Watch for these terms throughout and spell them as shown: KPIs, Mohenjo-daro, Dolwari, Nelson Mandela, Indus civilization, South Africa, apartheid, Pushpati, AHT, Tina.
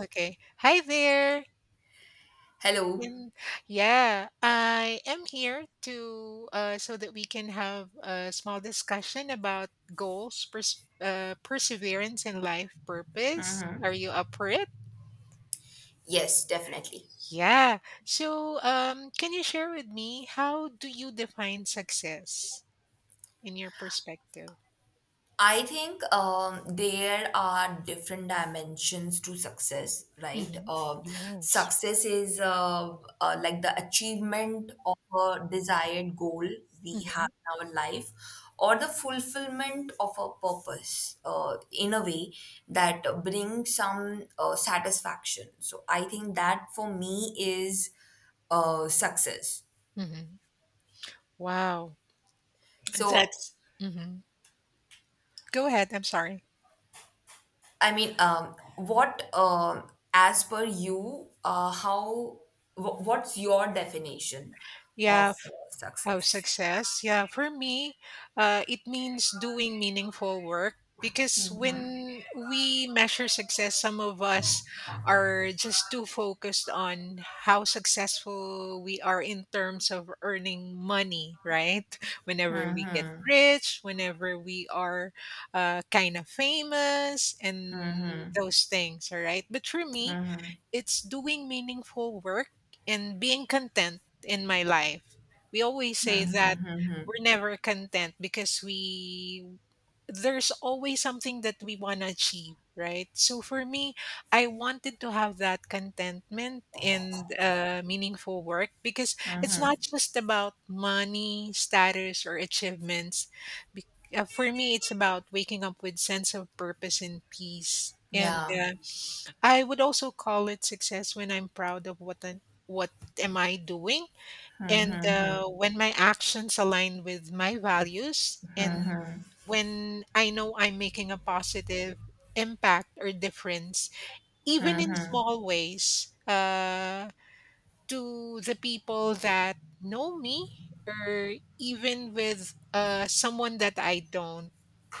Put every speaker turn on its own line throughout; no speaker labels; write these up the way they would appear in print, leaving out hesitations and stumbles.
Okay. Hi there.
Hello.
And yeah, I am here to so that we can have a small discussion about goals, perseverance, and life purpose. Are you up for it?
Yes, definitely.
Yeah. Can you share with me how do you define success in your perspective?
I think there are different dimensions to success, right?
Hmm. Yes.
Success is like the achievement of a desired goal we
Hmm.
have in our life, or the fulfillment of a purpose in a way that brings some satisfaction. So I think that for me is success.
Hmm. Wow.
So
That's. Hmm. Go ahead. I'm sorry.
I mean, as per you, what's your definition of
Yeah. Oh,
success?
success. Yeah, for me, it means doing meaningful work because when we measure success, some of us are just too focused on how successful we are in terms of earning money, right? Whenever we get rich, whenever we are kind of famous, and those things, all right? But for me, it's doing meaningful work and being content in my life. We always say that we're never content because we there's always something that we want to achieve, right? So for me, I wanted to have that contentment and meaningful work because it's not just about money, status, or achievements. Be- for me, it's about waking up with sense of purpose and peace. And
Yeah,
I would also call it success when I'm proud of what am I doing and when my actions align with my values and when I know I'm making a positive impact or difference, even in small ways, to the people that know me or even with someone that I don't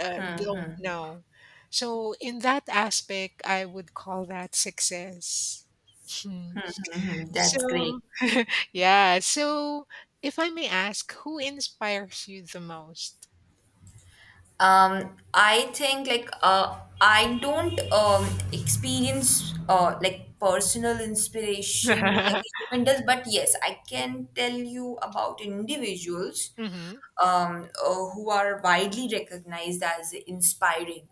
uh, don't know. So in that aspect, I would call that success. Mm.
that's
So,
great.
yeah. So, if I may ask, who inspires you the most?
I think like I don't experience like personal inspiration like a human does, but yes, I can tell you about individuals,
Mm-hmm.
who are widely recognized as inspiring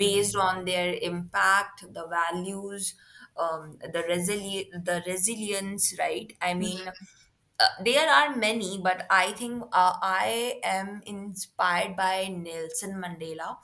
Mm-hmm.
on their impact, the values, the resilience, right? I mean,
Hmm.
there are many, but I think I am inspired by Nelson Mandela.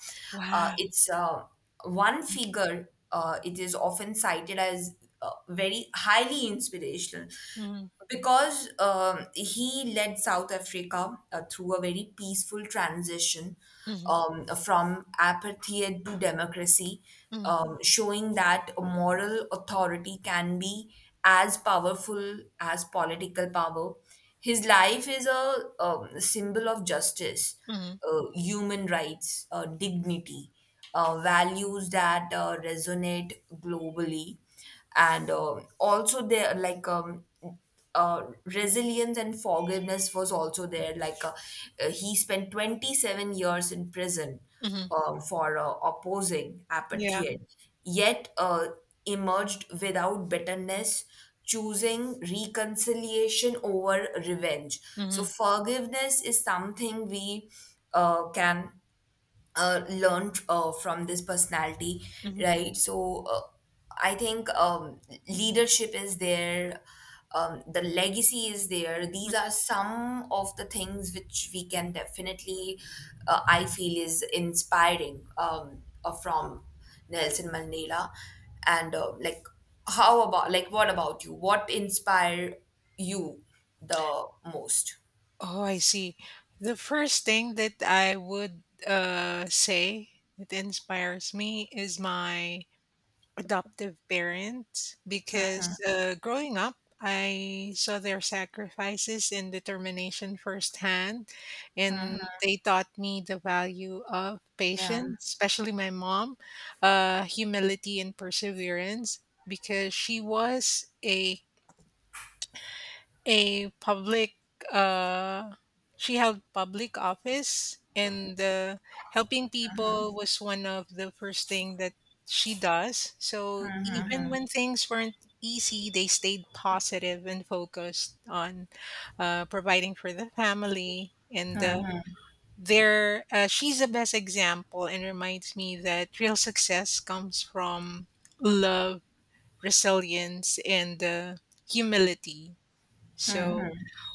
Wow.
It's one figure, it is often cited as very highly inspirational
Mm-hmm.
because he led South Africa through a very peaceful transition,
Mm-hmm.
from apathy to democracy, showing that a moral authority can be as powerful as political power. His life is a, symbol of justice,
Mm-hmm.
human rights, dignity, values that resonate globally, and also they like resilience and forgiveness was also there. He spent 27 years in prison
Hmm.
for opposing
Yeah.
apartheid, yet emerged without bitterness, choosing reconciliation over revenge. So
Mm-hmm.
forgiveness is something we can learned from this personality,
Mm-hmm.
right? So I think leadership is there, the legacy is there. These
Mm-hmm.
are some of the things which we can definitely, I feel, is inspiring from Nelson Mandela. And like, how about, like, what about you? What inspire you the most?
Oh, I see. The first thing that I would say that inspires me is my adoptive parents because growing up, I saw their sacrifices and determination firsthand, and they taught me the value of
Yeah.
patience, especially my mom, humility, and perseverance because she was a public uh, she held public office and helping people was one of the first thing that she does. So even when things weren't easy, they stayed positive and focused on providing for the family, and there she's the best example and reminds me that real success comes from love, resilience, and humility. So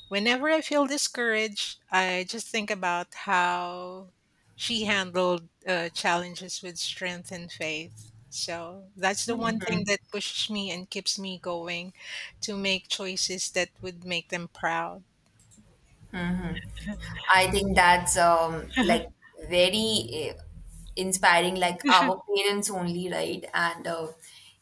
whenever I feel discouraged, I just think about how she handled challenges with strength and faith. So that's the one thing that pushes me and keeps me going to make choices that would make them proud.
I think that's like very inspiring, like our parents only, right? And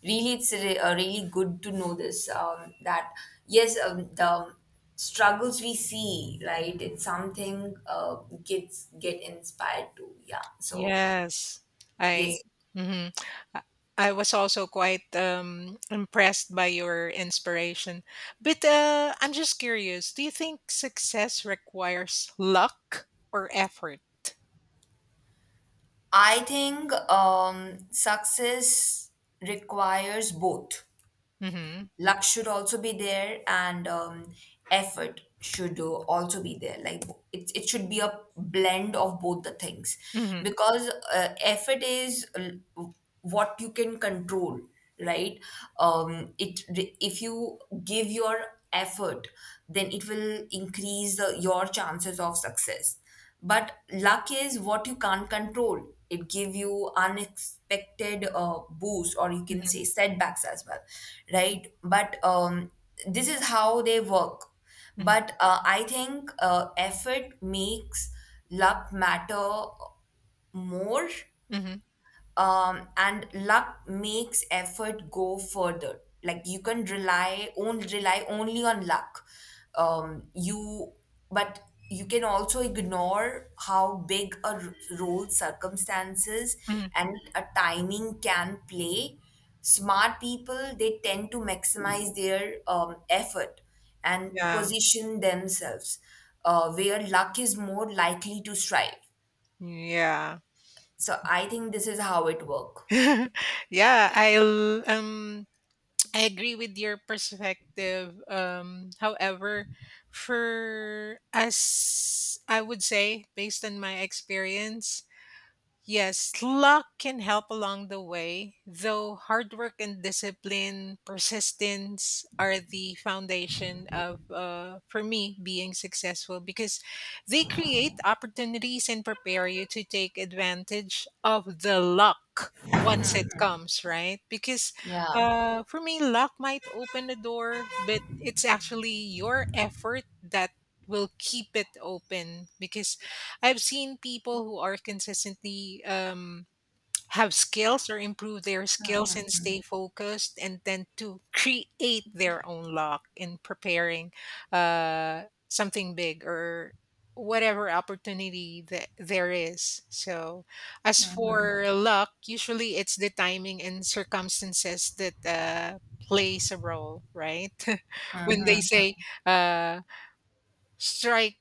really, really good to know this, that yes, the struggles we see, right? It's something kids get inspired to. Yeah. So
Yes, I.
yes,
Mhm. I I was also quite impressed by your inspiration. But I'm just curious, do you think success requires luck or effort?
I think success requires both.
Mhm.
Luck should also be there, and effort should also be there. Like it should be a blend of both the things,
Mhm,
because effort is what you can control, right? It If you give your effort, then it will increase your chances of success. But luck is what you can't control. It give you unexpected boost, or you can
mhm,
say setbacks as well, right? But this is how they work.
mhm,
But I think effort makes luck matter more,
mhm,
and luck makes effort go further. Like you can rely only on luck, you but you can also ignore how big a role circumstances
mhm.
and a timing can play. Smart people, they tend to maximize their effort and
Yeah,
position themselves where luck is more likely to strive.
yeah.
So I think this is how it works,
Yeah, I'll I agree with your perspective. However, for us, I would say, based on my experience, yes, luck can help along the way, though hard work and discipline, persistence are the foundation of, for me, being successful because they create opportunities and prepare you to take advantage of the luck once it comes, right? Because
yeah.
for me, luck might open the door, but it's actually your effort that will keep it open because I've seen people who are consistently have skills or improve their skills and stay focused, and then to create their own luck in preparing uh, something big or whatever opportunity that there is. So, as for luck, usually it's the timing and circumstances that plays a role, right? When they say uh, strike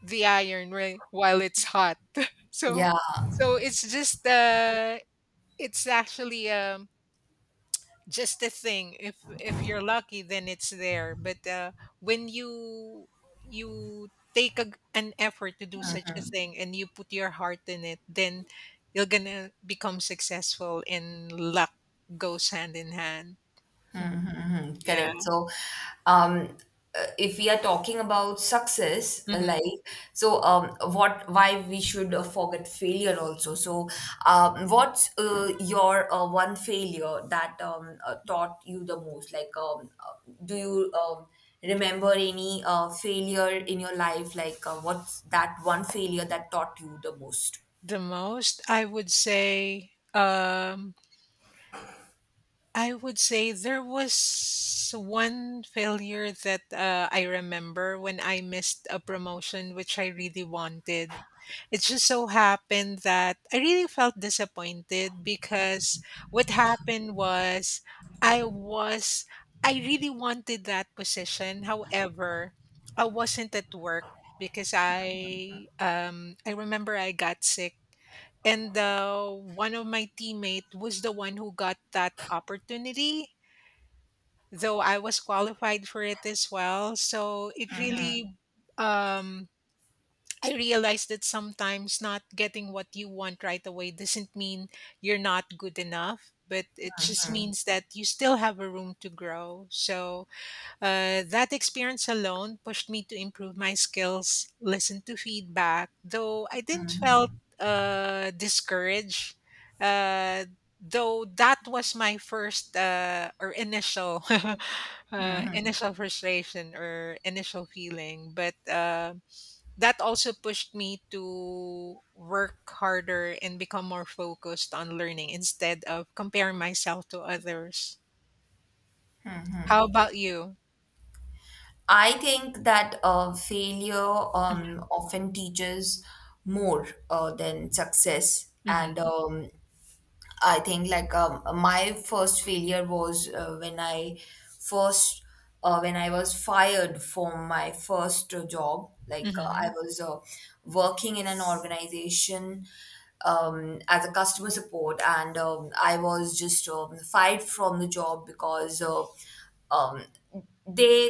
the iron right while it's hot. So
Yeah,
so it's just it's actually just a thing. If you're lucky, then it's there, but when you take a, an effort to do such a thing and you put your heart in it, then you're gonna become successful and luck goes hand in hand. Yeah.
correct. So, um, if we are talking about success,
Mhm.
what, why we should forget failure also. So, what's your one failure that taught you the most? Like, do you remember any failure in your life? Like, what's that one failure that taught you the most?
the most I would say I would say there was one failure that I remember when I missed a promotion which I really wanted. It just so happened that I really felt disappointed because what happened was I was, I really wanted that position. However, I wasn't at work because I remember I got sick and one of my teammate was the one who got that opportunity, though I was qualified for it as well. So it really, um, I realized that sometimes not getting what you want right away doesn't mean you're not good enough, but it just means that you still have a room to grow. So that experience alone pushed me to improve my skills, listen to feedback, though I didn't felt discouraged. Uh, though that was my first or initial initial frustration or initial feeling, but that also pushed me to work harder and become more focused on learning instead of comparing myself to others. How about you?
I think that failure often teaches more than success, and
Hmm.
I think my first failure was first when I was fired from my first job. I
Hmm.
was working in an organization as a customer support, and I was just fired from the job because um, they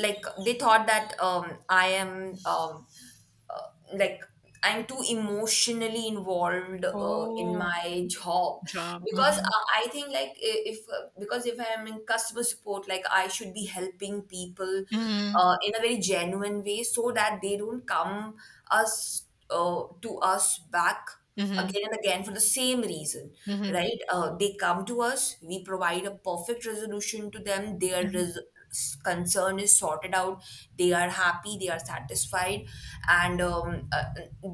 they thought that I am. Like I'm too emotionally involved in
Oh,
my job,
job.
because
Mhm.
I think like I- if because if I'm in customer support, like I should be helping people
Mhm.
in a very genuine way, so that they don't come us to us back
Mhm.
again and again for the same reason,
Mhm.
right? They come to us, we provide a perfect resolution to them,
Mhm.
concern is sorted out, they are happy, they are satisfied, and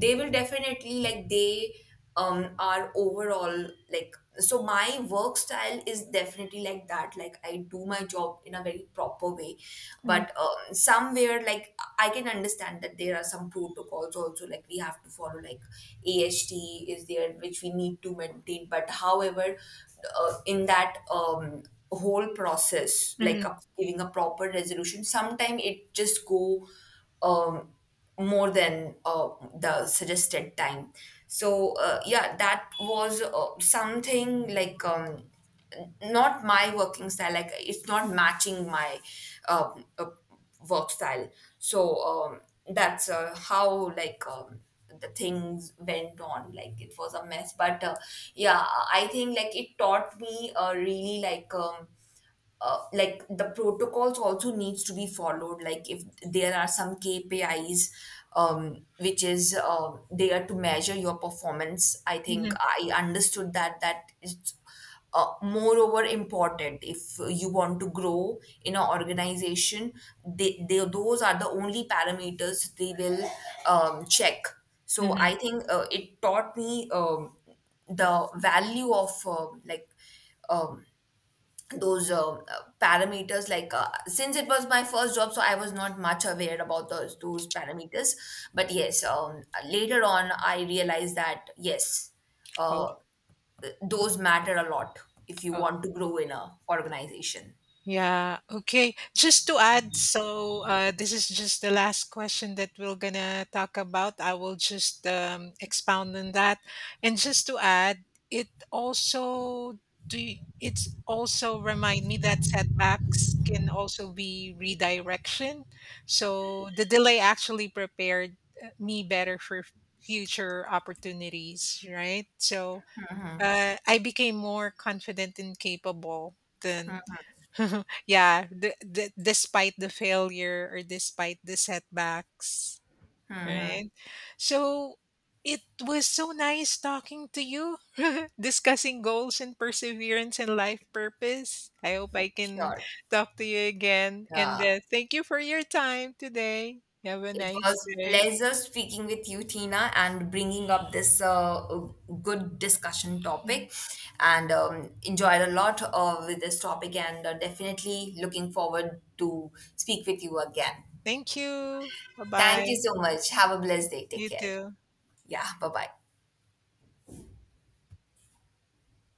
they will definitely like they our overall, like, so my work style is definitely like that. Like I do my job in a very proper way,
Mhm.
but somewhere like I can understand that there are some protocols also, like we have to follow, like AHT is there which we need to maintain. But however, in that whole process, like
Mhm.
a, giving a proper resolution, sometime it just go um more than the suggested time. So yeah, that was something like, not my working style, like it's not matching my um, uh, work style. So that's how, like, the things went on, like it was a mess. But yeah, I think like it taught me really, like the protocols also needs to be followed. Like if there are some KPIs which is there to measure your performance, I think
Mhm.
I understood that that it's moreover important if you want to grow in an organization. Those are the only parameters they will check. So
Mhm.
I think it taught me the value of um, those parameters. Like since it was my first job, so I was not much aware about those parameters. But yes, later on I realized that yes,
Oh,
uh, those matter a lot if you
oh.
want to grow in a organization.
Yeah, okay. Just to add, so this is just the last question that we're gonna talk about. I will just expound on that. And just to add, it also do it's also remind me that setbacks can also be redirection. So the delay actually prepared me better for future opportunities, right? So I became more confident and capable than yeah, despite the failure or despite the setbacks, right? So it was so nice talking to you, discussing goals and perseverance and life purpose. I hope I can
Sure.
talk to you again. And
Uh,
thank you for your time today. Have a
It
nice
was
day.
pleasure speaking with you, Tina, and bringing up this good discussion
Mhm.
topic. And enjoyed a lot with this topic, and definitely looking forward to speak with you again.
Thank you. Bye
Thank
bye.
you so much. Have a blessed day. Take
You
care.
too.
Yeah. Bye bye.